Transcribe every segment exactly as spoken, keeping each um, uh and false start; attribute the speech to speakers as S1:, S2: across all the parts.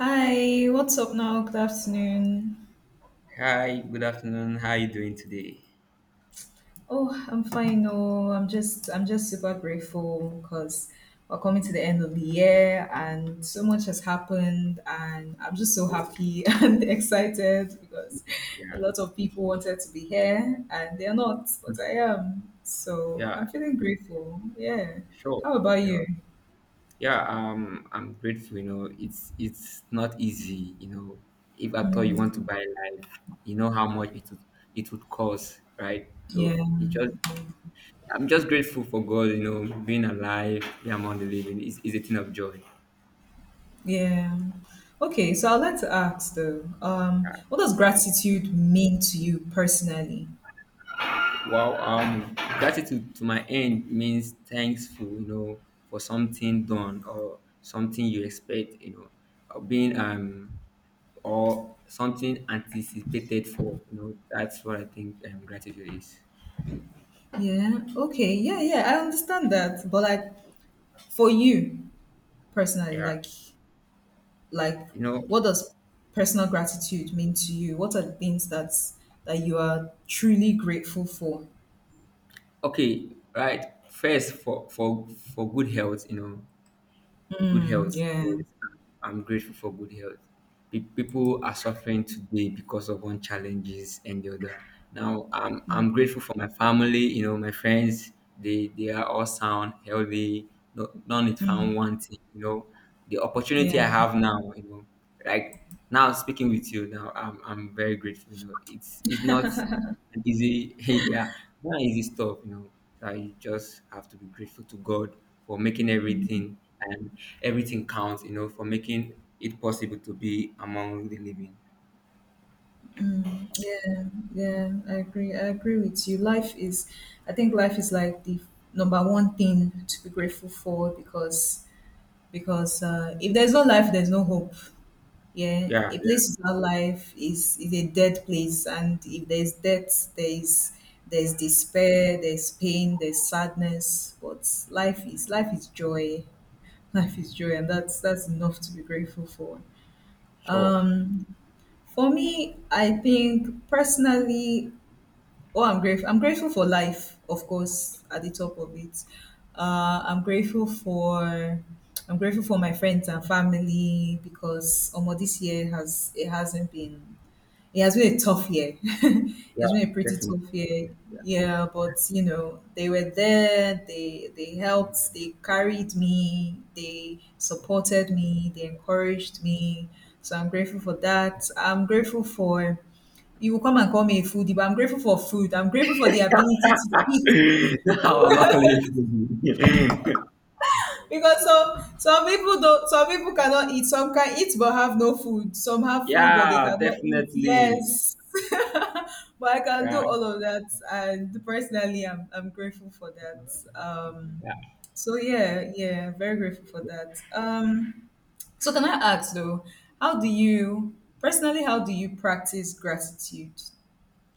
S1: Hi, what's up now? Good afternoon.
S2: Hi, good afternoon. How are you doing today?
S1: Oh, I'm fine. Oh, I'm just I'm just super grateful because we're coming to the end of the year and so much has happened and I'm just so happy and excited because a
S2: Yeah,
S1: lot of people wanted to be here and they're not, but I am. So I'm
S2: yeah,
S1: feeling grateful. Yeah.
S2: sure.
S1: How about
S2: Yeah,
S1: you?
S2: yeah. Um, I'm grateful. You know, it's it's not easy. You know, if at all you want to buy life, you know how much it would it would cost, right? So
S1: Yeah.
S2: it just I'm just grateful for God. You know, being alive, yeah, among the living is is a thing of joy.
S1: Yeah. Okay, so I'd like to ask though, um, what does gratitude mean to you personally?
S2: Well, um, gratitude to my end means thankful, you know, for something done or something you expect, you know, or being um or something anticipated for. You know, that's what I think um, gratitude is.
S1: Yeah. Okay. Yeah. Yeah. I understand that. But like for you personally,
S2: Yeah.
S1: like like
S2: You know,
S1: what does personal gratitude mean to you? What are the things that's that you are truly grateful for?
S2: okay, right. First, for for for good health, you know, good
S1: Mm,
S2: health. Yes,
S1: yeah.
S2: I'm grateful for good health. Pe- People are suffering today because of one challenges and the other. Now, I'm I'm grateful for my family, you know, my friends. They they are all sound, healthy. No, none is found wanting. You know, the opportunity
S1: Yeah.
S2: I have now, You know, like now speaking with you now, I'm I'm very grateful. You know, it's it's not. And easy, yeah, not easy stuff, you know. So you just have to be grateful to God for making everything, and everything counts, you know, for making it possible to be among the living.
S1: Yeah. Yeah. I agree. I agree with you. Life is I think life is like the number one thing to be grateful for because because uh, if there's no life, there's no hope. Yeah,
S2: Yeah,
S1: a
S2: yeah,
S1: place without life is is a dead place, and if there's death, there's there's despair, there's pain, there's sadness. But life is life is joy. Life is joy, and that's that's enough to be grateful for.
S2: sure.
S1: Um, for me, I think personally, oh, I'm grateful. I'm grateful for life, of course, at the top of it. Uh, I'm grateful for I'm grateful for my friends and family because um, this year has it hasn't been it has been a tough year.
S2: Yeah,
S1: It's been a pretty
S2: definitely.
S1: tough year. Yeah, but you know, they were there, they they helped, they carried me, they supported me, they encouraged me. So I'm grateful for that. I'm grateful for You will come and call me a foodie, but I'm grateful for food. I'm grateful for the ability to eat
S2: No, I'm not calling you.
S1: because some some people don't some people cannot eat. Some can eat but have no food. Some have food but they
S2: Yeah,
S1: cannot eat.
S2: definitely.
S1: Yes. But I can do
S2: Yeah,
S1: all of that and personally I'm I'm grateful for that. Um
S2: yeah.
S1: so yeah, yeah, very grateful for that. Um so can I ask though, how do you personally how do you practice gratitude?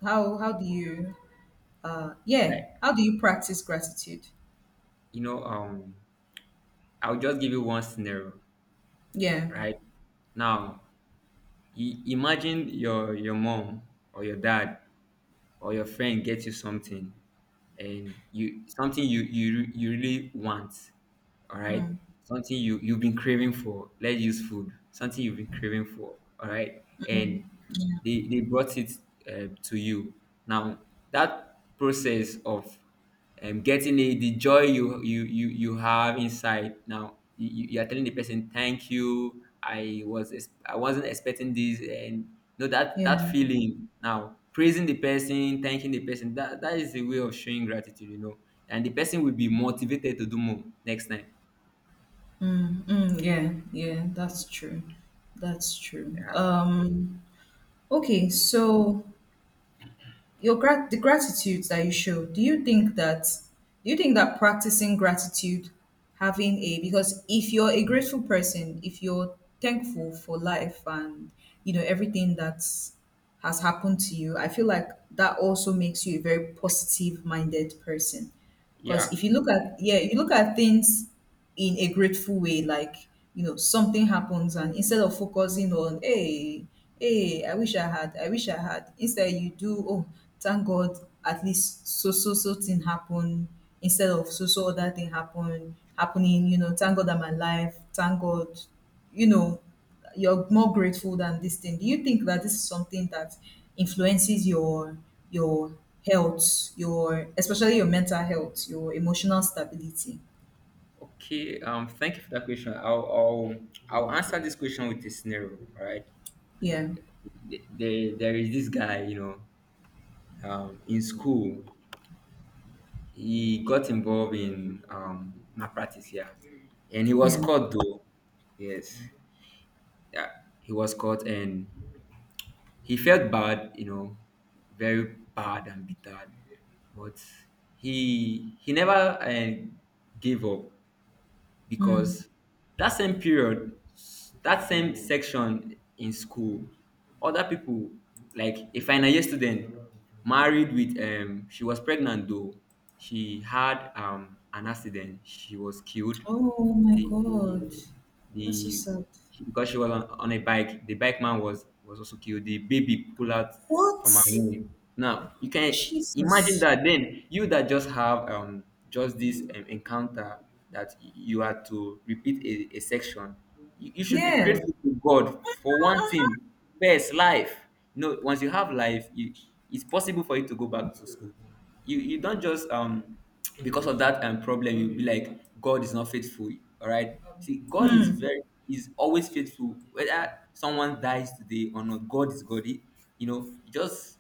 S1: How how do you uh yeah
S2: Like,
S1: how do you practice gratitude?
S2: you know, um, I'll just give you one scenario,
S1: Yeah,
S2: right? Now, i- imagine your your mom or your dad or your friend gets you something, and you something you you you really want, all right, something you you've been craving for. Let's use food, something you've been craving for, all right. And they they brought it uh, to you. Now that process of um, getting it, the joy you you you you have inside. Now you, you you are telling the person thank you, i was ex- I wasn't expecting this. And no, that
S1: yeah.
S2: that feeling, now praising the person, thanking the person, that that is a way of showing gratitude, you know, and the person will be motivated to do more next time.
S1: Mm, mm. Yeah, yeah, that's true, that's true.
S2: Yeah.
S1: Um okay, so your grat the gratitude that you show, do you think that do you think that practicing gratitude, having a because if you're a grateful person, if you're thankful for life and you know everything that's has happened to you, I feel like that also makes you a very positive minded person. Because
S2: Yeah.
S1: if you look at yeah, if you look at things in a grateful way, like, you know, something happens and instead of focusing on hey, hey, I wish I had, I wish I had, instead you do, oh, thank God at least so so so thing happened instead of so so other thing happened happening, you know, thank God I'm alive, thank God, you know you're more grateful than this thing. Do you think that this is something that influences your your health, your especially your mental health, your emotional stability?
S2: Okay. Um. Thank you for that question. I'll I'll, I'll answer this question with a scenario. All right.
S1: Yeah.
S2: Th- There there is this guy, you know. Um. In school, he got involved in um malpractice. Yeah. And he was
S1: Yeah.
S2: caught, though. Yes. Yeah. He was caught, and he felt bad, you know. Very bad and bitter. But he he never uh, gave up, because that same period, s- that same section in school, other people, like a final year student, married, with um she was pregnant, though. She had um an accident. She was killed.
S1: Oh my
S2: The
S1: God.
S2: the,
S1: That's so
S2: the
S1: sad.
S2: She, because she was on, on a bike, the bike man was was also killed. The baby pulled out from her
S1: What?
S2: womb. Now you can imagine
S1: Jesus.
S2: that. Then you that just have um just this um, encounter that y- you had to repeat a, a section. You, you should be
S1: Yeah.
S2: grateful to God for one thing. First, life. You know, once you have life, you, it's possible for you to go back to school. You you don't just um because of that um, problem, you'll be like, God is not faithful. All right, see, God is
S1: Hmm.
S2: very, is always faithful. Whether someone dies today or not, God is God. He- you know, just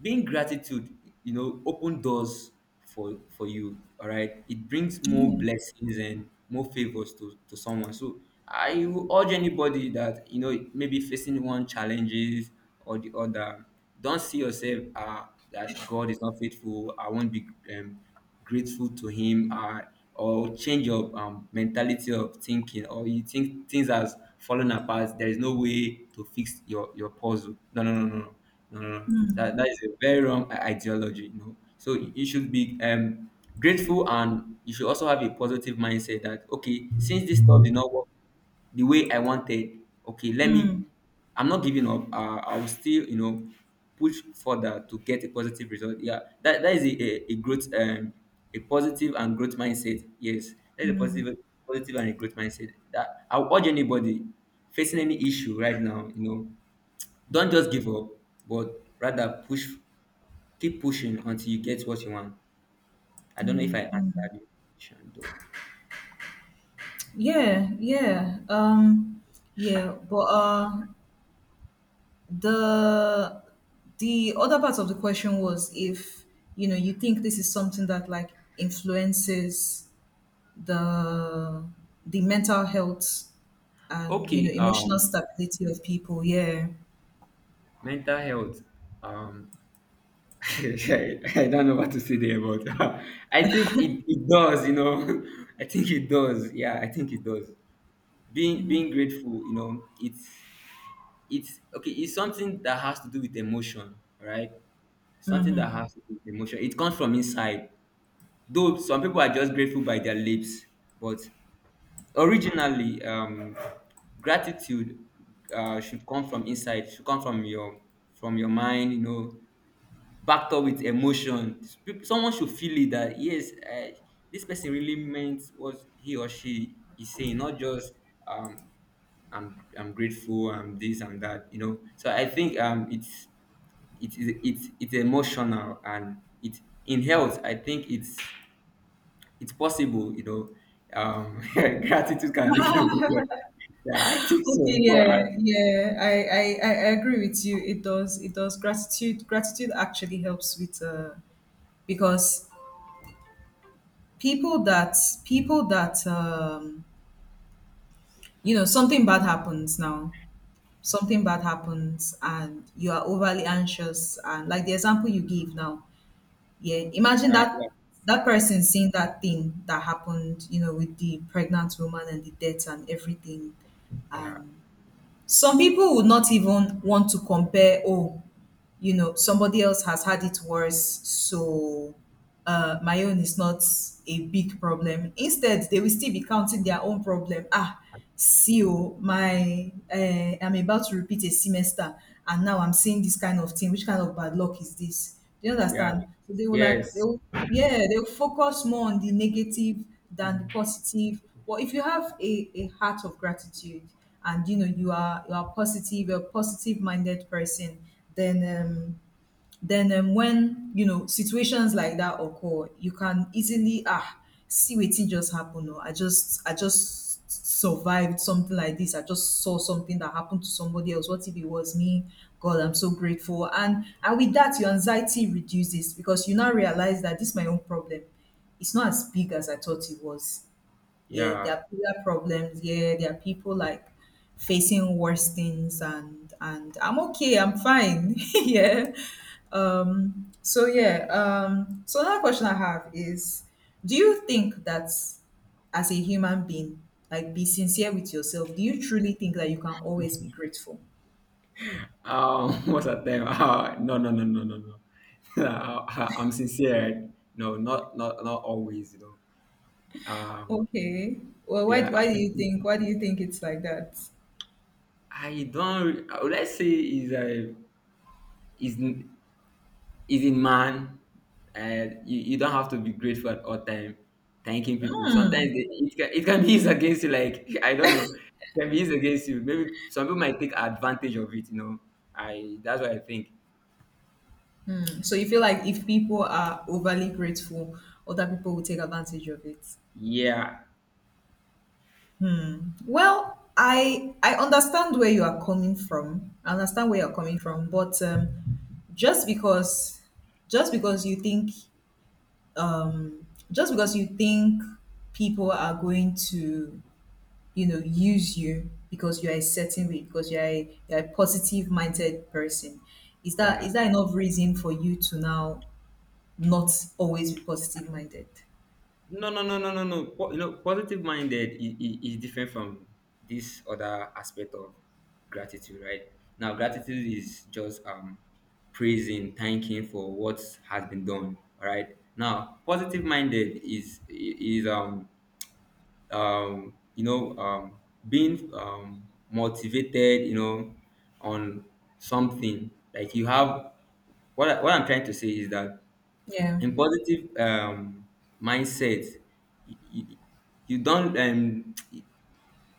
S2: being gratitude, you know, open doors for for you. All right, it brings more
S1: Yeah.
S2: blessings and more favors to to someone. So I will urge anybody that, you know, maybe facing one challenges or the other, don't see yourself, uh, that God is not faithful, I won't be, um, grateful to him, uh, or change your um, mentality of thinking, or you think things has fallen apart, there is no way to fix your your puzzle. No, no, no, no, no, no, no, no.
S1: Hmm.
S2: That, that is a very wrong i- ideology, you know. So you should be, um, grateful, and you should also have a positive mindset that, okay, since this stuff did not work the way I wanted, okay, let
S1: Hmm.
S2: me, I'm not giving up. Uh, I will still, you know, push further to get a positive result. Yeah, that, that is a, a, a growth, um, a positive and growth mindset. Yes, that is a positive, positive and a growth mindset, that I would urge anybody facing any issue right now. You know, don't just give up, but rather push, keep pushing until you get what you want. I don't know if I
S1: Hmm.
S2: answered your question, though.
S1: Yeah. Yeah. Um. Yeah. But uh, the the other part of the question was if you know you think this is something that like influences the the mental health and you know
S2: Okay,
S1: emotional
S2: um,
S1: stability of people. Yeah.
S2: mental health. Um, I don't know what to say there, but I think it, it does, you know. I think it does. Yeah, I think it does. Being being grateful, you know, it's it's okay. It's something that has to do with emotion, right? Something that
S1: Hmm.
S2: has to do with emotion. It comes from inside. Though some people are just grateful by their lips, but originally, um gratitude, uh should come from inside, should come from your, from your mind, you know, backed up with emotion. Peop- someone should feel it, that yes, uh, this person really meant what he or she is saying, not just, um i'm i'm grateful, I'm this, I'm that, you know. So I think, um it's it's it's it's emotional, and it, in health, I think it's it's possible, you know. um gratitude can lead to good, yeah, I think
S1: Okay.
S2: so. Right?
S1: Yeah, yeah, I, I i I agree with you. It does it does gratitude gratitude actually helps with, uh because people that people that um you know, something bad happens now, something bad happens and you are overly anxious, and like the example you give now, yeah, imagine
S2: Yeah,
S1: that. That person seeing that thing that happened, you know, with the pregnant woman and the death and everything,
S2: yeah, yeah,
S1: and some people would not even want to compare. Oh, you know, somebody else has had it worse, so, uh, my own is not a big problem. Instead they will still be counting their own problem. Ah, see, oh my, uh, I'm about to repeat a semester, and now I'm seeing this kind of thing. Which kind of bad luck is this? Do you
S2: yeah.
S1: understand? So they will like they
S2: Yes.
S1: will, yeah, they will focus more on the negative than the positive. But if you have a, a heart of gratitude and you know you are you are positive, you're a positive minded person, then um then um, when you know situations like that occur, you can easily, ah see what just happened. Or i just i just survived something like this. I just saw something that happened to somebody else. What if it was me? God, I'm so grateful, and and with that your anxiety reduces because you now realize that this is my own problem. It's not as big as I thought it was. Yeah, there
S2: Yeah.
S1: are bigger problems. Yeah, there are people like facing worse things, and and I'm okay. I'm fine. Yeah. Um. So yeah. Um. So another question I have is, do you think that as a human being, like be sincere with yourself? Do you truly think that you can always be grateful?
S2: Um, what's that name? Uh, no, no, no, no, no, no. Uh, I'm sincere. No, not, not, not always, you know. Um.
S1: Okay. Well, why
S2: Yeah.
S1: why do you think why do you think it's like that?
S2: I don't. re- uh, Let's say is a is. Is in man, and you, you don't have to be grateful at all time. Thanking people, sometimes they, it, can, it can be used against you, like, I don't know, it can be used against you, maybe some people might take advantage of it, you know. I that's what I think.
S1: So you feel like if people are overly grateful, other people will take advantage of it.
S2: Yeah.
S1: Well, I I understand where you are coming from. I understand where you're coming from, but um, just because just because you think um, just because you think people are going to, you know, use you because you are a certain way, because you are a, you are a positive minded person, is that
S2: Yeah.
S1: is that enough reason for you to now not always be positive minded?
S2: No, no, no, no, no, no. Po- you know, positive minded is, is different from this other aspect of gratitude, right? Now, gratitude is just, um, praising, thanking for what has been done, all right? Now, positive minded is is um um you know, um being um motivated, you know, on something like you have, what I, what I'm trying to say is that
S1: Yeah,
S2: in positive, um, mindset, you, you you don't, um,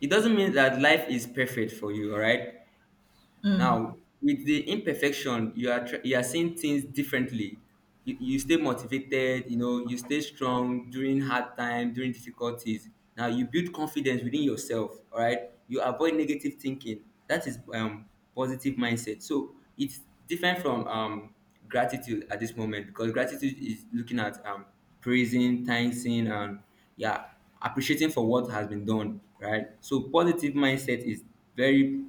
S2: it doesn't mean that life is perfect for you. All right, now, with the imperfection, you are tr- you are seeing things differently. You, you stay motivated, you know, you stay strong during hard time, during difficulties. Now you build confidence within yourself. All right, you avoid negative thinking. That is, um, positive mindset. So it's different from, um, gratitude at this moment, because gratitude is looking at, um, praising, thanking, and yeah, appreciating for what has been done. Right. So positive mindset is very,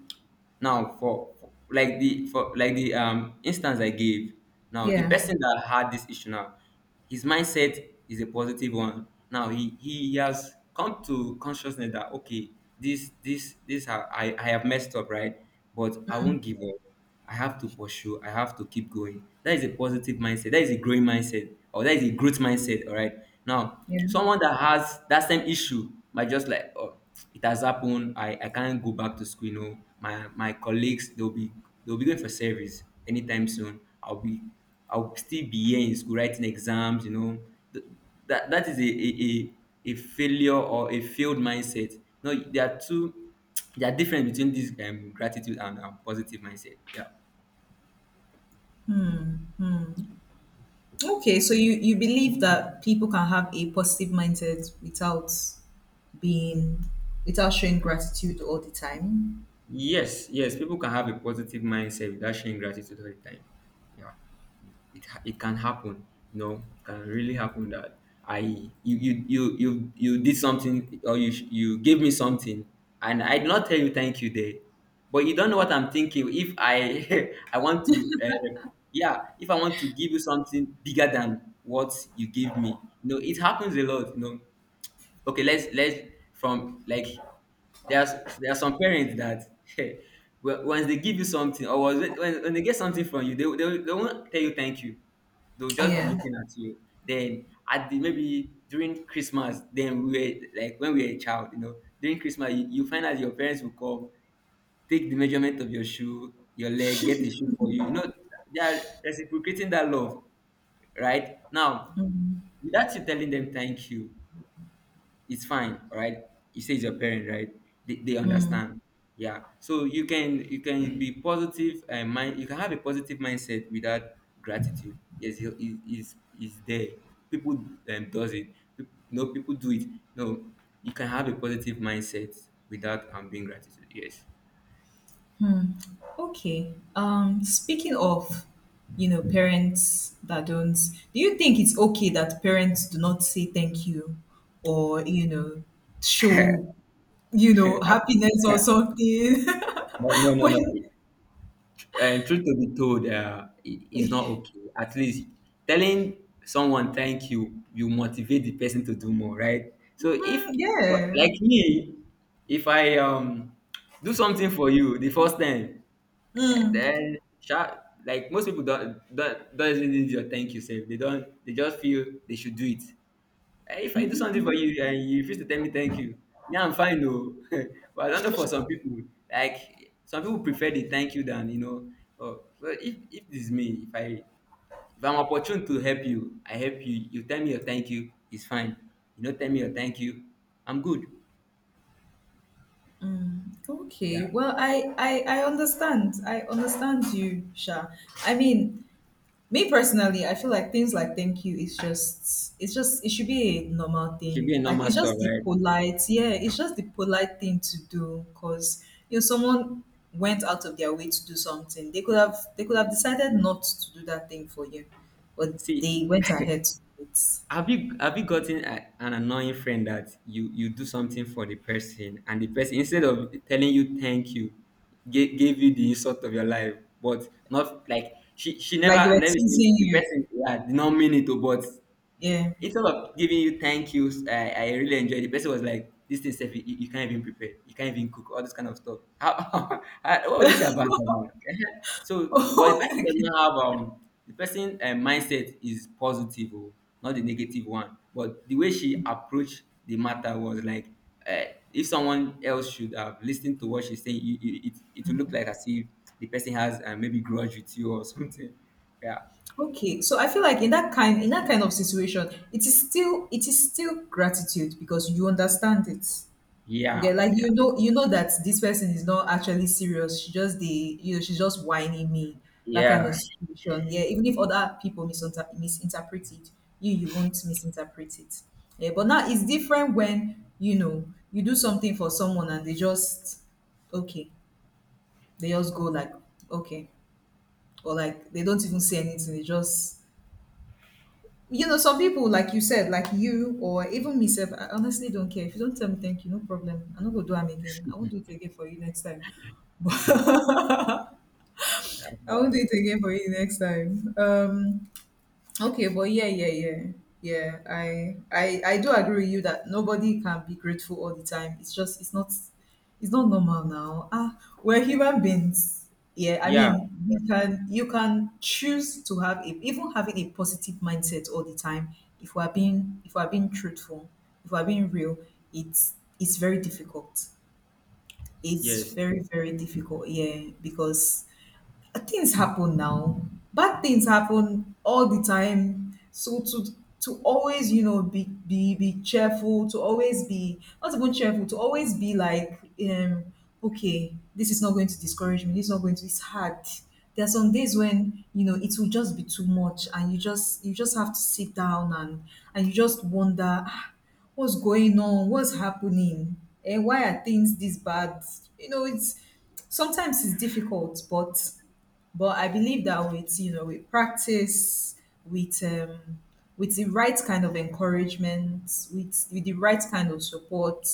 S2: now for, for like the, for like the, um instance I gave. Now the
S1: yeah,
S2: person that had this issue, now his mindset is a positive one. Now he he has come to consciousness that, okay, this this this i i, I have messed up, right, but I won't give up. I have to pursue. I have to keep going. That is a positive mindset. That is a growing mindset, or that is a growth mindset. All right. Now,
S1: yeah.
S2: someone that has that same issue might just like, oh, it has happened, I, I can't go back to school. You know, my my colleagues, they'll be, they'll be going for service anytime soon. I'll be, I'll still be here in school writing exams. You know, Th- that that is a a, a, a failure or a failed mindset. No, there are two, there are difference between this, um, gratitude and, um, positive mindset. Yeah.
S1: Okay, so you you believe that people can have a positive mindset without being without showing gratitude all the time.
S2: Yes, yes, people can have a positive mindset without showing gratitude all the time. Yeah, it ha- it can happen. You know, it can really happen that I, you you you you you did something, or you sh- you gave me something, and I did not tell you thank you there, but you don't know what I'm thinking. If I I want to, uh, yeah, if I want to give you something bigger than what you gave me, you know, it happens a lot. You know, okay, let's let's from like there's there are some parents that well, once they give you something, or was it, when, when they get something from you, they, will- they, will- they won't tell you thank you. They'll just be
S1: Yeah.
S2: looking at you. Then at the, maybe during Christmas, then we were like, when we were a child, you know, during Christmas, you, you find out your parents will come, take the measurement of your shoe, your leg, get a shoe for you, you know, they are reciprocating that love right now without you telling them thank you. It's fine. All right, you say it's your parent, right? They, they understand. Yeah, so you can, you can be positive and mind, you can have a positive mindset without gratitude. Yes, it is is there people, um, does it Peop- no, people do it. No, you can have a positive mindset without um being gratitude, yes.
S1: Okay. Um speaking of, you know, parents that don't do you think it's okay that parents do not say thank you, or, you know, show, you know,
S2: No,
S1: happiness or something
S2: no, no,
S1: when.
S2: no. And truth to be told, uh, it- it's not okay. At least telling someone thank you, you motivate the person to do more, right? So
S1: Mhm,
S2: if, for-
S1: yeah.
S2: like me, if I um do something for you the first time, then sha- like most people don't don't, don't really need your thank you, sir. They don't. They just feel they should do it. Eh, if I do something for you and you refuse to tell me thank you, yeah, I'm fine though. But I don't know for some people, like some people prefer the thank you than you know. Oh, well, if if it's me, if I, if I'm opportune to help you, I help you. You tell me your thank you, it's fine. You don't tell me your thank you, I'm good.
S1: Okay.
S2: Yeah,
S1: Well, I I I understand. I understand you, Sha. I mean, me personally, I feel like things like thank you is just it's just it should be a normal
S2: it should
S1: thing.
S2: be a
S1: Like
S2: normal
S1: it's
S2: stuff,
S1: just the
S2: right?
S1: polite, yeah, it's just the polite thing to do because you know someone went out of their way to do something. They could have they could have decided not to do that thing for you, but
S2: See,
S1: they went ahead to do it.
S2: have you, have you gotten a, an annoying friend that you you do something for the person and the person, instead of telling you thank you, gave, gave you the insult of your life, but not like she she never
S1: Like they were
S2: let me say,
S1: teasing
S2: the
S1: you.
S2: person, yeah, did not mean it to, but
S1: Yeah.
S2: instead of giving you thank yous, I, I really enjoyed it. The person was like, this thing, Steph, you, you can't even prepare. You can't even cook. All this kind of stuff. How, how, what will you say about that one? So, but the
S1: Oh,
S2: person
S1: okay.
S2: doesn't have, um, the person, uh, mindset is positive, oh, not the negative one. But the way she approached the matter was like, uh, if someone else should have listened to what she's saying, you, you, it, it will look like as if the person has, uh, maybe grudge with you or something. Yeah.
S1: Okay, so I feel like in that kind in that kind of situation, it is still it is still gratitude because you understand it. You get
S2: Yeah.
S1: like
S2: Yeah.
S1: you know you know that this person is not actually serious. She just the you know She's just whining me, that kind of
S2: Yeah.
S1: situation. Yeah, even if other people misinter- misinterpret it, you you won't misinterpret it. Yeah, but now it's different when you know you do something for someone and they just okay, they just go like, okay, or like they don't even say anything. They just You know, some people, like you said, like you or even myself. I honestly don't care. If you don't tell me thank you, no problem. I'm not gonna do am again. I won't do it again for you next time. But
S2: That's
S1: I won't
S2: right.
S1: do it again for you next time. Um Okay, but yeah, yeah, yeah, yeah. I, I, I do agree with you that nobody can be grateful all the time. It's just, it's not, it's not normal now. Ah, we're human beings. Yeah, I
S2: Yeah.
S1: mean, we can, you can choose to have a, even having a positive mindset all the time. If we're being, if we're being truthful, if we're being real, it's, it's very difficult. It's
S2: Yes,
S1: very, very difficult. Yeah, because uh, things happen now. Bad things happen all the time. So to to always, you know, be be be cheerful, to always be not even cheerful, to always be like, um, okay, this is not going to discourage me. This is not going to. It's hard. There are some days when you know it will just be too much, and you just you just have to sit down and and you just wonder, "Ah, what's going on, what's happening, and why are things this bad?" You know, it's sometimes it's difficult, but but I believe that with you know with practice, with um, with the right kind of encouragement, with with the right kind of support,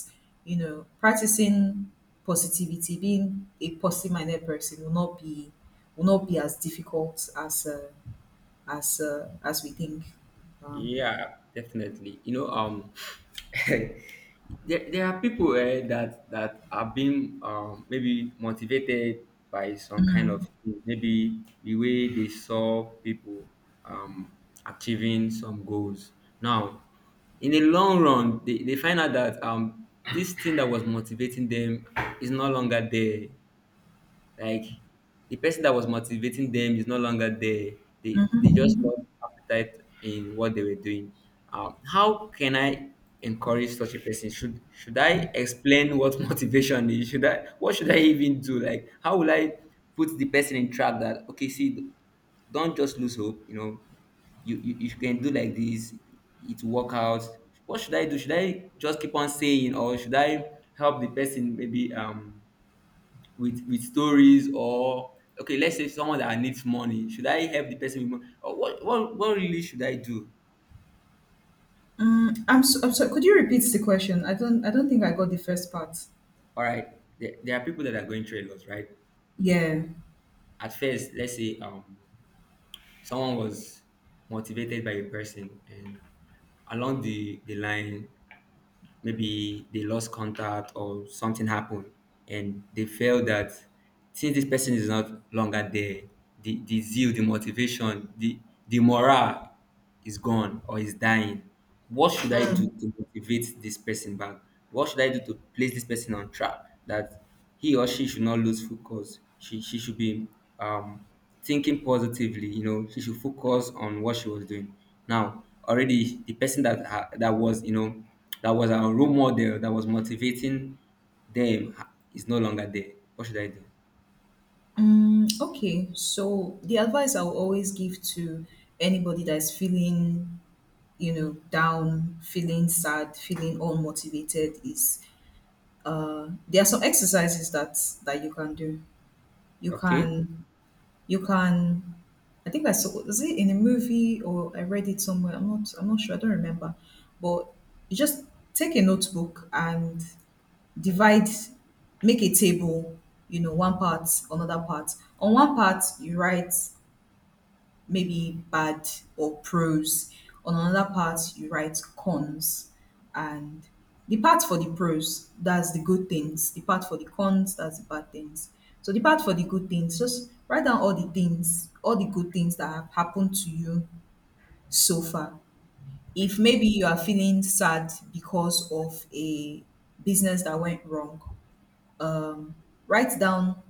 S1: you know, practicing positivity, being a positive-minded person will not be will not be as difficult as uh, as uh, as we think. Um,
S2: yeah, definitely. You know, um, there, there are people, eh, that that are being, um, maybe motivated by some kind of thing, maybe the way they saw people um, achieving some goals. Now, in the long run, they, they find out that, um, this thing that was motivating them is no longer there. Like the person that was motivating them is no longer there. They
S1: mhm,
S2: they just
S1: mhm.
S2: lost appetite in what they were doing. Um, how can I encourage such a person? Should should I explain what motivation is? Should I, what should I even do? Like, how will I put the person in track that, okay, see, don't just lose hope. You know, you, you you can do like this, it will work out. What should I do? Should I just keep on saying or should I help the person, maybe, um, with with stories? Or okay, let's say someone that needs money, should I help the person with money? Or what, what, what really should I do?
S1: Mm, I'm so, I'm sorry. Could you repeat the question? I don't I don't think I got the first part.
S2: All right, there, there are people that are going through a lot, right?
S1: Yeah.
S2: At first, let's say, um, someone was motivated by a person, and along the the line maybe they lost contact or something happened, and they felt that since this person is not longer there, the, the zeal, the motivation, the the morale is gone or is dying. What should I do to motivate this person back? What should I do to place this person on track, that he or she should not lose focus. She she should be, um, thinking positively. You know, she should focus on what she was doing. Now, already the person that ha- that was, you know, that was our role model, that was motivating them, ha- is no longer there. What should I do?
S1: Mm, okay, so the advice I will always give to anybody that is feeling, you know, down, feeling sad, feeling unmotivated is uh, there are some exercises that that you can do. You
S2: Okay,
S1: can you can I think I saw, was it in a movie, or I read it somewhere. I'm not I'm not sure. I don't remember, but you just take a notebook and divide, make a table, you know, one part, another part. On one part you write maybe bad, or pros. On another part, you write cons. And the part for the pros, that's the good things. The part for the cons, that's the bad things. So the part for the good things, just write down all the things, all the good things that have happened to you so far. If maybe you are feeling sad because of a business that went wrong, um, write down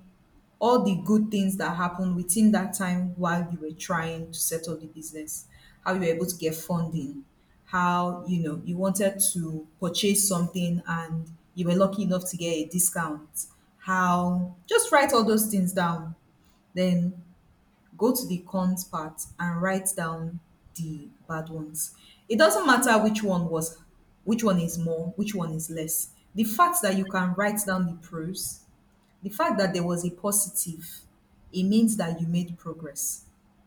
S1: all the good things that happened within that time while you were trying to set up the business, how you were able to get funding, how you know you wanted to purchase something and you were lucky enough to get a discount, how, just write all those things down, then go to the cons part and write down the bad ones. It doesn't matter which one was, which one is more, which one is less. The fact that you can write down the pros, the fact that there was a positive, it means that you made progress.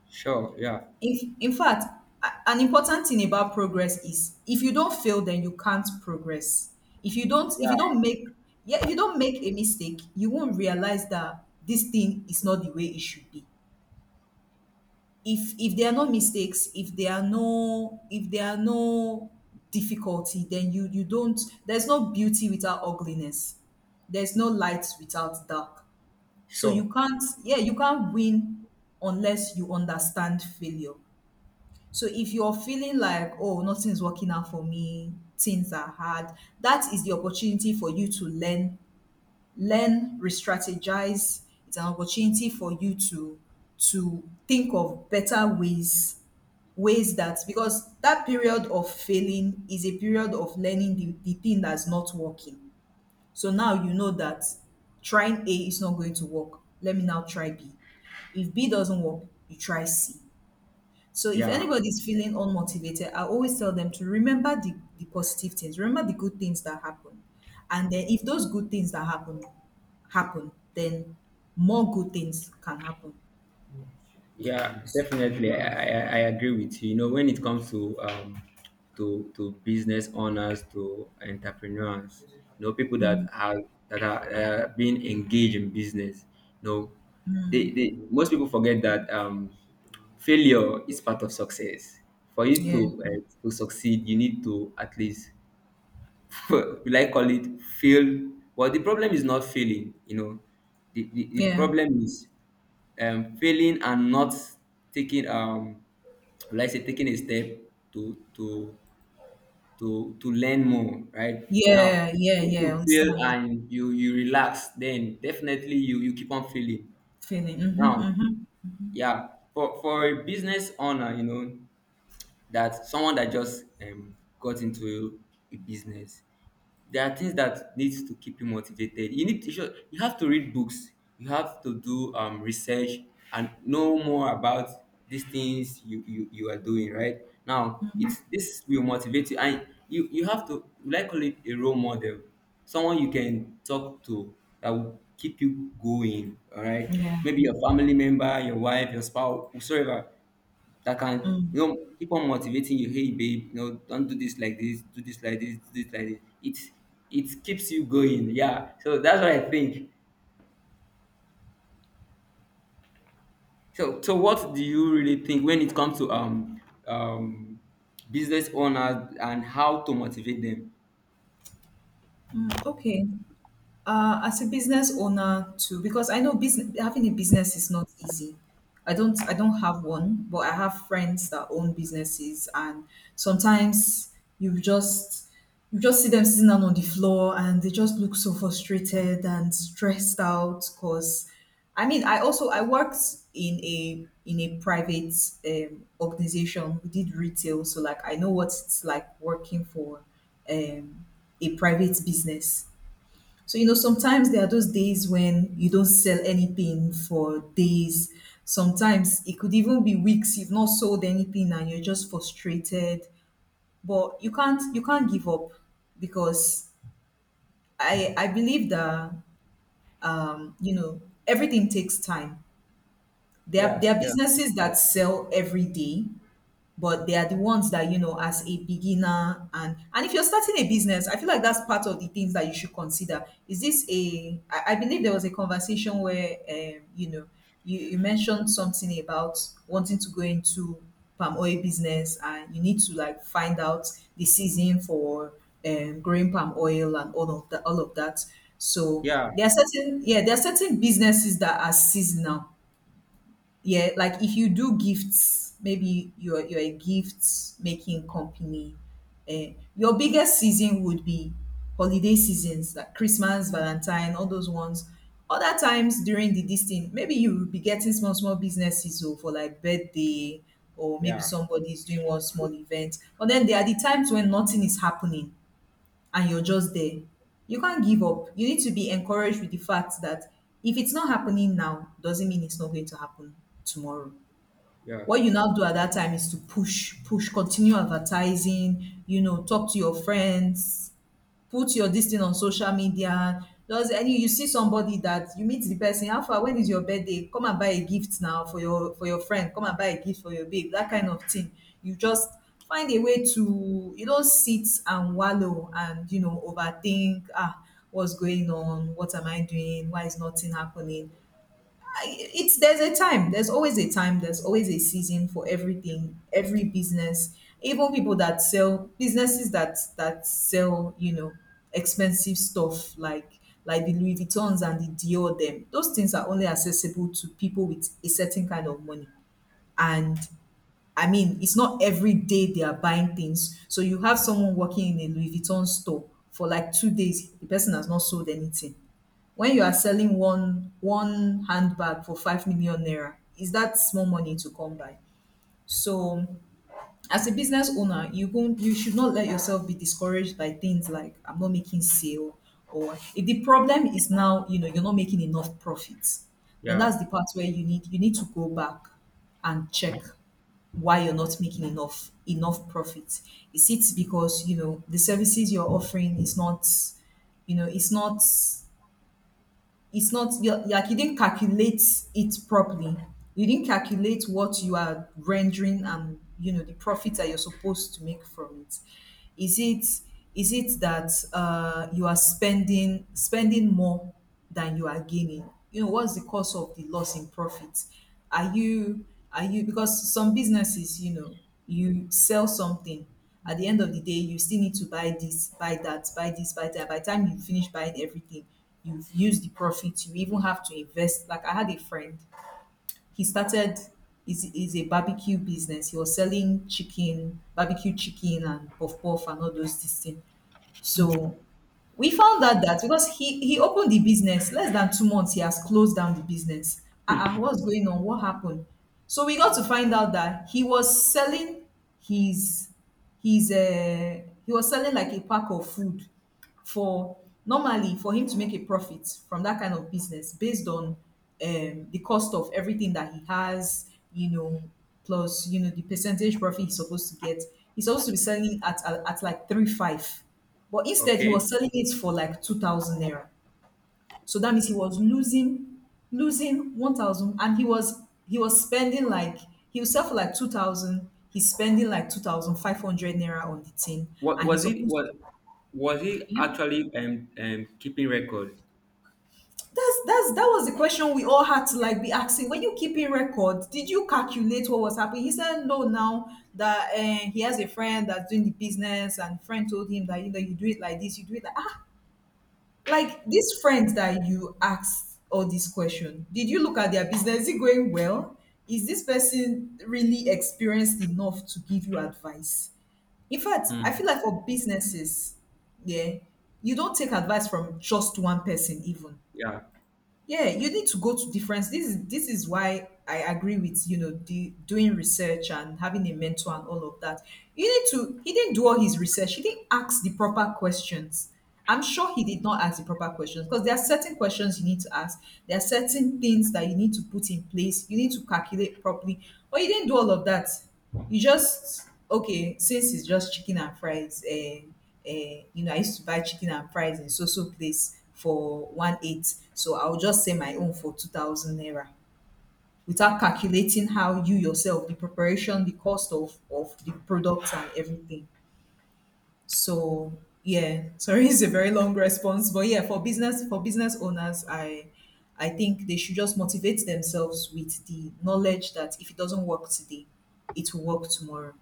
S2: sure, yeah,
S1: In, in fact, a- an important thing about progress is if you don't fail, then you can't progress. If you don't, if you don't make, yeah, if you don't make a mistake, you won't realize that this thing is not the way it should be. If if there are no mistakes, if there are no, if there are no difficulty, then you you don't. There's no beauty without ugliness. There's no light without dark. So
S2: sure,
S1: you can't, yeah, you can't win unless you understand failure. So if you're feeling like, oh, nothing's working out for me, things are hard, that is the opportunity for you to learn, learn, re-strategize. It's an opportunity for you to to think of better ways, ways that, because that period of failing is a period of learning the, the thing that's not working. So now you know that trying A is not going to work. Let me now try B. If B doesn't work, you try C. So if
S2: yeah.
S1: anybody's feeling unmotivated, I always tell them to remember the, the positive things, remember the good things that happen. And then if those good things that happen happen, then more good things can happen.
S2: Yeah, definitely. I, I, I agree with you. You know, when it comes to, um, to to business owners, to entrepreneurs, you know, people that are, that are, uh, being engaged in business, you know, they, they, most people forget that, um, failure is part of success. For you
S1: Yeah.
S2: to, uh, to succeed, you need to at least will I call it fail? Well, the problem is not failing, you know. The, the, the
S1: Yeah.
S2: problem is, um, failing and not taking, um, will I say, taking a step to to to to learn more, right? Now
S1: Yeah. Yeah.
S2: if
S1: Yeah.
S2: you fail
S1: Understand.
S2: and you you relax, then definitely you you keep on failing.
S1: Feeling. Mm-hmm,
S2: Now,
S1: mm-hmm,
S2: yeah, for for a business owner, you know, that someone that just, um, got into a business, there are things that needs to keep you motivated. You need to, sure, you have to read books, you have to do, um, research and know more about these things you, you you are doing right now. It's,
S1: mm-hmm.
S2: this will motivate you, and you you have to like call it a role model, someone you can talk to, that will keep you going, all right?
S1: Yeah.
S2: Maybe your family member, your wife, your spouse, whosoever, that can,
S1: Mm.
S2: you know, keep on motivating you. Hey babe, you know, don't do this like this, do this like this, do this like this, it it keeps you going. Yeah, so that's what I think. So, so what do you really think when it comes to, um, um, business owners and how to motivate them?
S1: Okay. uh, as a business owner too, because I know business, having a business is not easy. I don't i don't have one, but I have friends that own businesses, and sometimes you just, you just see them sitting down on the floor and they just look so frustrated and stressed out. Because I mean, i also I worked in a in a private um, organization, we did retail, so like I know what it's like working for um, a private business. So, you know, sometimes there are those days when you don't sell anything for days. Sometimes it could even be weeks you've not sold anything and you're just frustrated. But you can't you can't give up, because I I believe that, um, you know, everything takes time. There are,
S2: Yeah,
S1: there are
S2: yeah.
S1: businesses that sell every day, but they are the ones that, you know, as a beginner, and and if you're starting a business, I feel like that's part of the things that you should consider. Is this a I, I believe there was a conversation where, um, you know, you, you mentioned something about wanting to go into palm oil business, and you need to like find out the season for, um, growing palm oil and all of that, all of that. So
S2: Yeah,
S1: there are certain, yeah, there are certain businesses that are seasonal. Yeah, like if you do gifts, maybe you're you're a gift making company, eh, your biggest season would be holiday seasons like Christmas, Valentine, all those ones. Other times during the this thing, maybe you will be getting small small businesses, or for like birthday, or maybe
S2: yeah,
S1: somebody is doing one small event, but then there are the times when nothing is happening, and you're just there. You can't give up. You need to be encouraged with the fact that if it's not happening now, doesn't mean it's not going to happen tomorrow.
S2: yeah,
S1: What you now do at that time is to push, push, continue advertising, you know, talk to your friends, put your this thing on social media. Does any You see somebody that you meet, the person, how far, when is your birthday? Come and buy a gift now for your for your friend. Come and buy a gift for your babe. That kind of thing. You just find a way to, you don't sit and wallow and, you know, overthink. Ah, what's going on? What am I doing? Why is nothing happening? It's there's a time there's always a time, there's always a season for everything, every business. Even people that sell businesses that that sell, you know, expensive stuff like like the Louis Vuittons and the dior them, those things are only accessible to people with a certain kind of money. And I mean, it's not every day they are buying things. So you have someone working in a Louis Vuitton store for like two days, the person has not sold anything. When you are selling one one handbag for five million naira, is that small money to come by? So as a business owner, you won't you should not let yourself be discouraged by things like, I'm not making sale. Or if the problem is now, you know, you're not making enough profits, then
S2: yeah.
S1: that's the part where you need you need to go back and check why you're not making enough enough profit. Is it because, you know, the services you're offering is not, you know, it's not it's not, you're, like you didn't calculate it properly, you didn't calculate what you are rendering, and you know the profit that you're supposed to make from it. is it is it that uh, you are spending spending more than you are gaining? You know what's the cause of the loss in profit? are you are you, because some businesses, you know, you sell something, at the end of the day you still need to buy this, buy that, buy this, buy that, by the time you finish buying everything, you've used the profit, you even have to invest. Like I had a friend, he started, is is a barbecue business, he was selling chicken, barbecue chicken and puff puff and all those things. So we found out that, because he he opened the business less than two months, he has closed down the business. Ah, uh what's going on? What happened? So we got to find out that he was selling, his his uh, he was selling like a pack of food for, normally for him to make a profit from that kind of business based on, um, the cost of everything that he has, you know, plus, you know, the percentage profit he's supposed to get. He's supposed to be selling at, at like three five. But instead, he
S2: Okay,
S1: was selling it for like two thousand naira. So that means he was losing losing one thousand. And he was he was spending like, he was sell for like two thousand. He's spending like two thousand five hundred naira on the thing,
S2: what
S1: and he's
S2: was it,
S1: supposed
S2: what
S1: to,
S2: was he
S1: yeah.
S2: actually, um, um keeping record?
S1: That's that's that was the question we all had to like be asking. When you keeping record, did you calculate what was happening? He said no. Now that, uh, he has a friend that's doing the business, and friend told him that, you know, you do it like this, you do it like, ah. Like these friends that you asked all these questions, did you look at their business? Is it going well? Is this person really experienced enough to give you advice? In fact, I feel
S2: Hmm.
S1: like for businesses, yeah, you don't take advice from just one person, even,
S2: Yeah,
S1: yeah, you need to go to different, this is this is why I agree with, you know, the doing research and having a mentor and all of that. You need to He didn't do all his research, he didn't ask the proper questions. I'm sure he did not ask the proper questions, because there are certain questions you need to ask, there are certain things that you need to put in place, you need to calculate properly. But you didn't do all of that. You just, okay, since it's just chicken and fries, eh, uh, you know, I used to buy chicken and fries in so so place for one eight. So I'll just say my own for two thousand naira without calculating how you yourself, the preparation, the cost of of the products and everything. So yeah, sorry, it's a very long response, but yeah, for business for business owners, I I think they should just motivate themselves with the knowledge that if it doesn't work today, it will work tomorrow.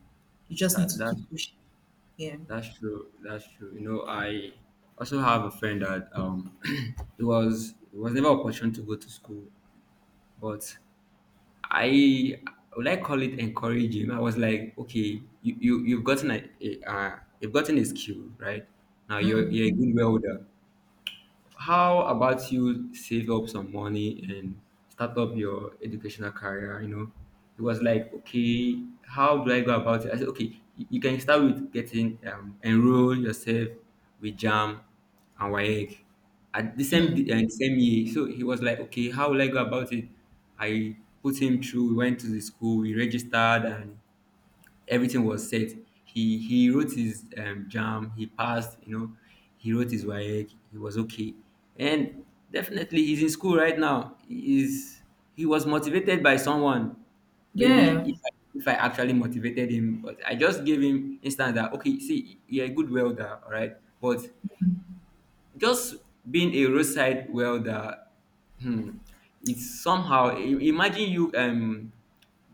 S1: You just need
S2: that,
S1: to
S2: that's
S1: keep pushing. Yeah.
S2: That's true. That's true. You know, I also have a friend that, um, it was, it was never opportune to go to school, but I I would like call it encouraging. I was like, okay, you you you've gotten a, a uh, you've gotten a skill, right? Now you're you're a good welder. How about you save up some money and start up your educational career? You know, it was like, okay, how do I go about it? I said, okay, you you can start with getting, um, enroll yourself with JAM and WAEC at the same, uh, the same year. So he was like, okay, how will I go about it? I put him through. We went to the school. We registered, and everything was set. He he wrote his, um, jam. He passed. You know, he wrote his WAEC. He was okay, and definitely he's in school right now. Is, he was motivated by someone? Maybe
S1: Yeah.
S2: if I, if I actually motivated him, but I just gave him instance that, okay, see, you're a good welder, all right, but just being a roadside welder, hmm, it's somehow, I- imagine you, um,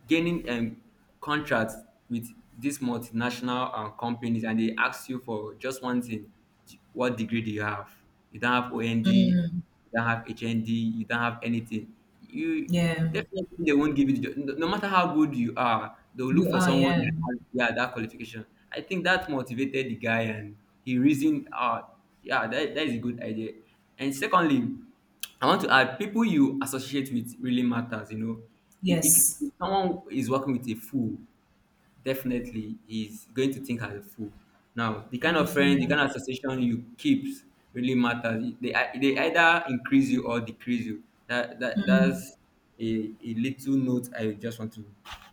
S2: gaining, um, contracts with these multinational, um, companies and they ask you for just one thing, d- what degree do you have? You don't have O N D, you don't have H N D, you don't have anything. You,
S1: Yeah.
S2: definitely they won't give you the job. No, no matter how good you are, they'll look
S1: You
S2: for
S1: are,
S2: someone
S1: yeah.
S2: that has, yeah, that qualification. I think that motivated the guy, and he reasoned, uh, yeah, that, that is a good idea. And secondly, I want to add, people you associate with really matters. You know, if, if,
S1: Yes.
S2: if someone is working with a fool, definitely he's going to think as a fool. Now, the kind of friend, the
S1: Agifuna.
S2: kind of association you keep really matters. They, ei- they either increase you or decrease you. That, that that's a, a little note I just want to,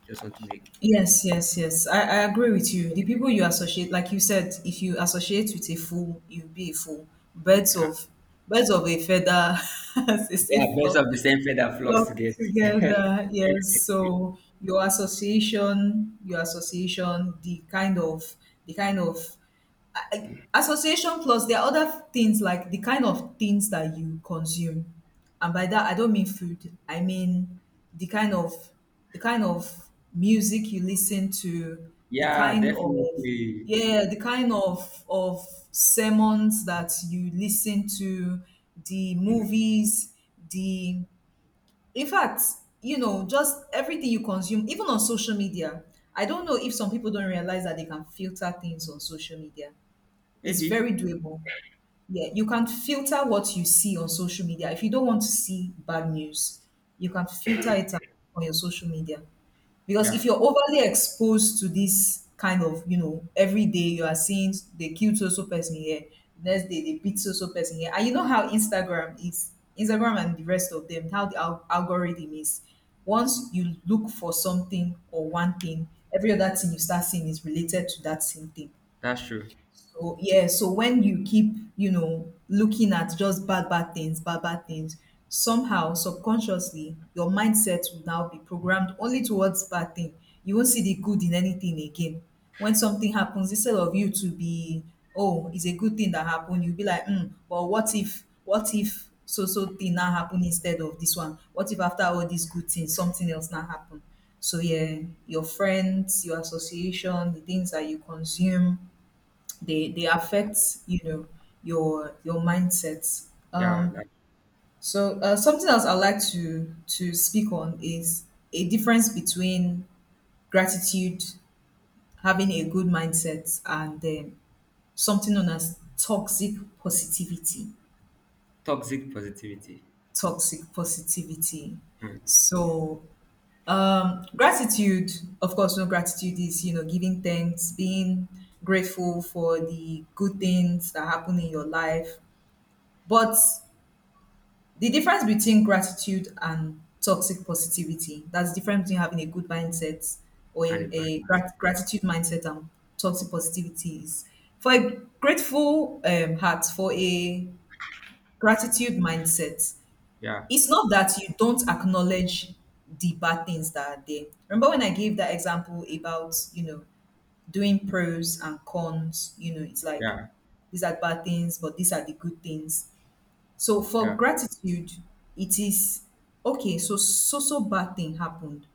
S2: just want to make.
S1: Yes, yes, yes. I, I agree with you. The people you associate, like you said, if you associate with a fool, you'll be a fool. Birds
S2: Yeah,
S1: of birds of a feather, as they
S2: yeah,
S1: say,
S2: best of the
S1: flock
S2: same feather flocks
S1: flock
S2: together.
S1: together. Yes. So your association, your association, the kind of the kind of association, plus there are other things like the kind of things that you consume. And by that, I don't mean food. I mean the kind of the kind of music you listen to, the
S2: Yeah,
S1: kind of
S2: definitely.
S1: yeah the kind of of sermons that you listen to, the movies, the, in fact, you know, just everything you consume, even on social media. I don't know if some people don't realize that they can filter things on social media. It's
S2: Maybe.
S1: very doable. Yeah, you can filter what you see on social media. If you don't want to see bad news, you can filter it out on your social media. Because
S2: Yeah,
S1: if you're overly exposed to this kind of, you know, every day you are seeing they killed so so person here, next day they beat so so person here. And you know how Instagram is, Instagram and the rest of them, how the al- algorithm is. Once you look for something or one thing, every other thing you start seeing is related to that same thing.
S2: that's true.
S1: So yeah, so when you keep, you know, looking at just bad bad things, bad bad things, somehow subconsciously your mindset will now be programmed only towards bad thing. You won't see the good in anything again. When something happens, instead of you to be, oh, it's a good thing that happened, you'll be like, mm, but what if, what if so so thing now happen instead of this one? What if after all these good things, something else now happen? So yeah, your friends, your association, the things that you consume, they they affect, you know, your your mindset,
S2: Yeah,
S1: um
S2: that's
S1: so uh, something else I'd like to to speak on is a difference between gratitude, having a good mindset, and um, something known as toxic positivity.
S2: toxic positivity.
S1: Toxic positivity.
S2: Mm,
S1: So um gratitude, of course, no, gratitude is, you know, giving thanks, being grateful for the good things that happen in your life. But the difference between gratitude and toxic positivity, that's the difference between having a good mindset or
S2: and
S1: a,
S2: a bad
S1: a
S2: mindset.
S1: grat- gratitude mindset, and toxic positivity is, for a grateful um, heart, for a gratitude mindset,
S2: Yeah,
S1: it's not that you don't acknowledge the bad things that are there. Remember when I gave that example about, you know, doing pros and cons? You know, it's like,
S2: yeah,
S1: these are bad things, but these are the good things. So for
S2: yeah.
S1: gratitude, it is, okay, so so so bad thing happened.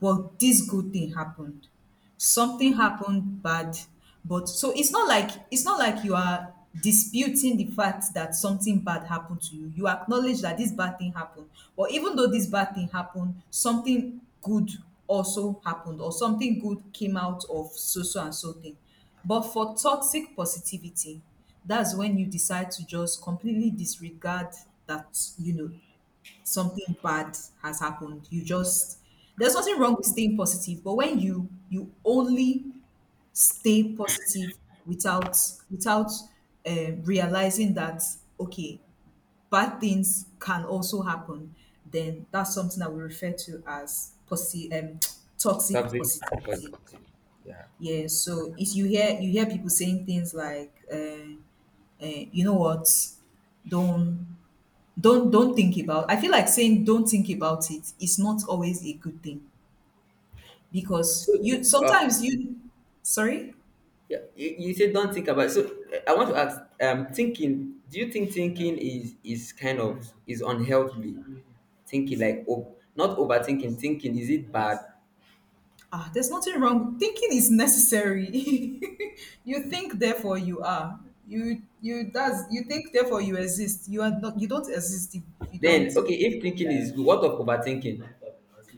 S1: Well, this good thing happened. Something happened bad, but so it's not like, it's not like you are disputing the fact that something bad happened to you. You acknowledge that this bad thing happened. But even though this bad thing happened, something good also happened, or something good came out of so so and so thing. But for toxic positivity, that's when you decide to just completely disregard that, you know, something bad has happened. You just, there's nothing wrong with staying positive, but when you you only stay positive without, without uh, realizing that, okay, bad things can also happen, then that's something that we refer to as posi- um, toxic
S2: Toxic
S1: positivity.
S2: positivity. Yeah.
S1: Yeah, so if you hear, you hear people saying things like uh, uh, you know what, don't, don't don't think about. I feel like saying don't think about it is not always a good thing,
S2: So,
S1: because you,
S2: uh,
S1: sometimes you, sorry,
S2: yeah, you, you said don't think about. So, uh, I want to ask. Um, thinking, do you think thinking is is kind of is unhealthy? Thinking like, oh, not overthinking. Thinking, is it bad?
S1: ah, there's nothing wrong, thinking is necessary. You think, therefore you are. You you does you think, therefore you exist. You are not, you don't exist if you don't.
S2: Then okay, if thinking is good, what of overthinking?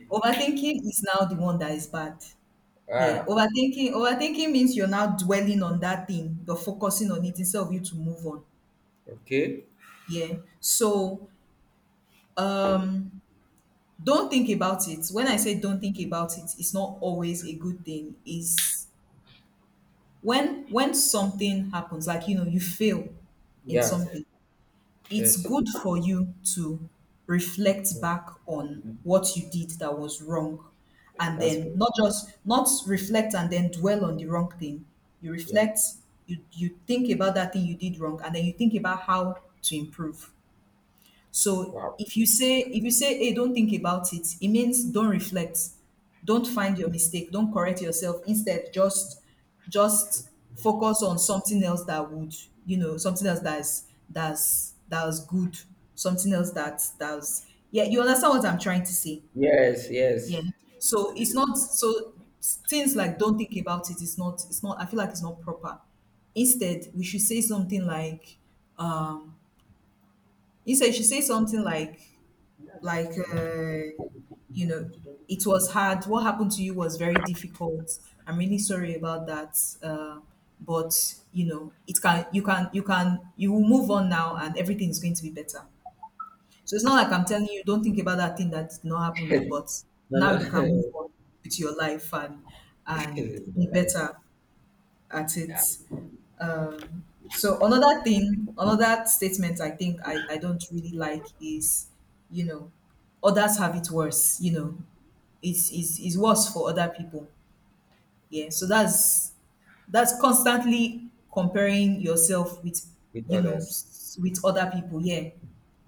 S1: Overthinking is now the one that is bad. Yeah,
S2: Ah,
S1: overthinking overthinking means you're now dwelling on that thing, you're focusing on it instead of you to move on.
S2: okay.
S1: Yeah, so um don't think about it. When I say don't think about it, it's not always a good thing. Is, when when something happens, like, you know, you fail in
S2: Yeah.
S1: something, it's
S2: Yes.
S1: good for you to reflect
S2: Yeah.
S1: back on what you did that was wrong. And
S2: That's
S1: then
S2: right.
S1: not just not reflect and then dwell on the wrong thing. You
S2: Yeah.
S1: reflect, you you think about that thing you did wrong, and then you think about how to improve. So
S2: Wow.
S1: if you say, if you say, "Hey, don't think about it," it means don't reflect, don't find your mistake, don't correct yourself. Instead, just just focus on something else that would, you know, something else that's that's that's good, something else that that's, yeah. You understand what I'm trying to say?
S2: Yes. Yes.
S1: Yeah. So it's not, so things like don't think about it. It's not. It's not. I feel like it's not proper. Instead, we should say something like um. Instead, you should say something like like uh, you know, it was hard, what happened to you was very difficult. I'm really sorry about that, uh, but you know, it can, you can, you can, you will move on now and everything is going to be better. So it's not like I'm telling you don't think about that thing that did not happen, no, but
S2: No. No.
S1: now you can move on with your life and and
S2: Is my
S1: be
S2: life.
S1: better at
S2: Yeah,
S1: it. um, so another thing, another statement I think I, I don't really like is, you know, others have it worse, you know. It's, it's, it's worse for other people. Yeah. So that's that's constantly comparing yourself with,
S2: with
S1: you know,
S2: others.
S1: s- with other people. Yeah,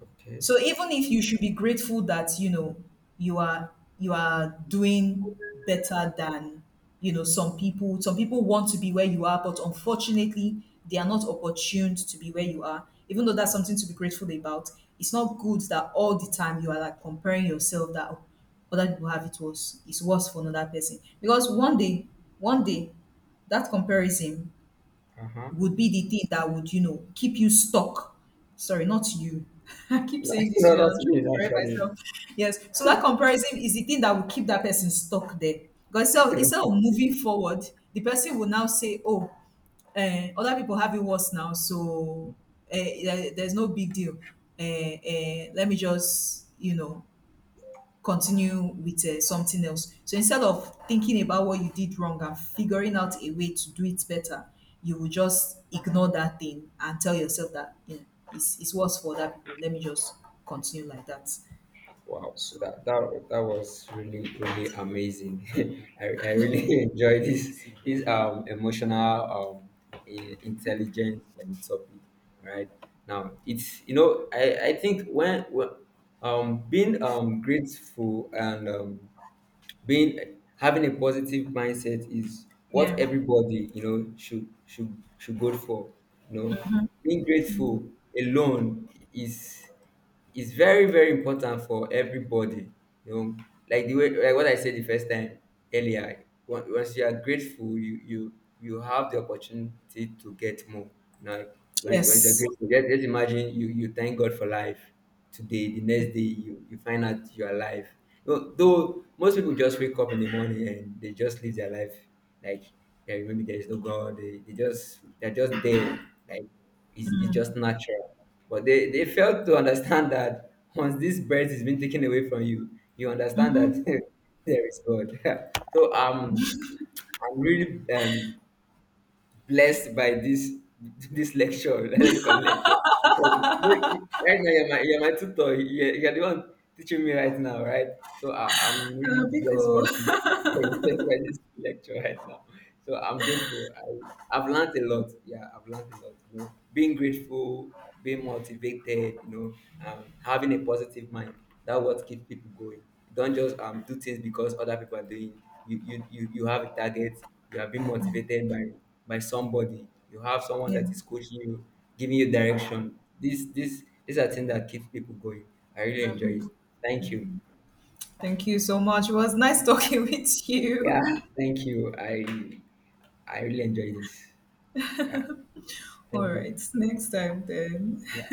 S2: Okay.
S1: so even if you should be grateful that, you know, you are, you are doing better than, you know, some people, some people want to be where you are, but unfortunately they are not opportuned to be where you are. Even though that's something to be grateful about, it's not good that all the time you are like comparing yourself that, "Oh, other people have it worse, it's worse for another person," because one day, one day that comparison would be the thing that would, you know, keep you stuck. Sorry, not you. I keep saying this,
S2: No,
S1: you, and I'm
S2: that's
S1: trying
S2: me
S1: to correct
S2: actually.
S1: myself. Yes. So that comparison is the thing that will keep that person stuck there. Because, so instead of moving forward, the person will now say, oh, uh, other people have it worse now, so uh, there- there's no big deal. Uh, uh, let me just, you know, continue with uh, something else. So instead of thinking about what you did wrong and figuring out a way to do it better, you will just ignore that thing and tell yourself that, you know, it's, it's worse for other people. Let me just continue like that.
S2: Wow,
S1: So,
S2: that that that was really really amazing. I, I really enjoyed this, this, um, emotional, um, I- intelligent, um, topic. Right now, it's, you know, I I think when, when um, being, um, grateful and, um, being having a positive mindset is what
S1: yeah.
S2: everybody, you know, should should should go for. You know, being grateful alone is, it's very very important for everybody, you know, like the way, like what I said the first time earlier on- once you are grateful, you you you have the opportunity to get more, you know. when, when you're
S1: Yes.
S2: grateful, just, just imagine you, you thank God for life today, the next day you you find out you're alive. You know, though most people just wake up in the morning and they just live their life like, yeah, maybe there is no God, they, they just, they're just there, like it's, it's just natural, but they, they failed to understand that once this breath is being taken away from you, you understand
S1: Mm-hmm.
S2: that there is God. So, um, I'm really, um, blessed by this, this lecture. Let me call it lecture. Yeah, you- right now, you're my, you're my tutor. You're, you're the one teaching me right now, right? So I, I'm really
S1: Uh,
S2: blessed by
S1: Biko.
S2: this, by this lecture right now. So I'm grateful. I, I've learned a lot. Yeah, I've learned a lot. You know, being grateful, being motivated, you know, um, having a positive mind. That's what keeps people going. Don't just, um, do things because other people are doing. you you you, you have a target. You have been motivated by by somebody. You have someone
S1: Yeah.
S2: that is coaching you, giving you direction. this this these are things that keeps people going. I really enjoy it. Thank you.
S1: Thank you so much. It was nice talking with
S2: Yeah,
S1: you.
S2: thank you. i i really enjoy this. Yeah,
S1: All
S2: thank you.
S1: right. Next
S2: Yeah.
S1: time then.
S2: Yeah.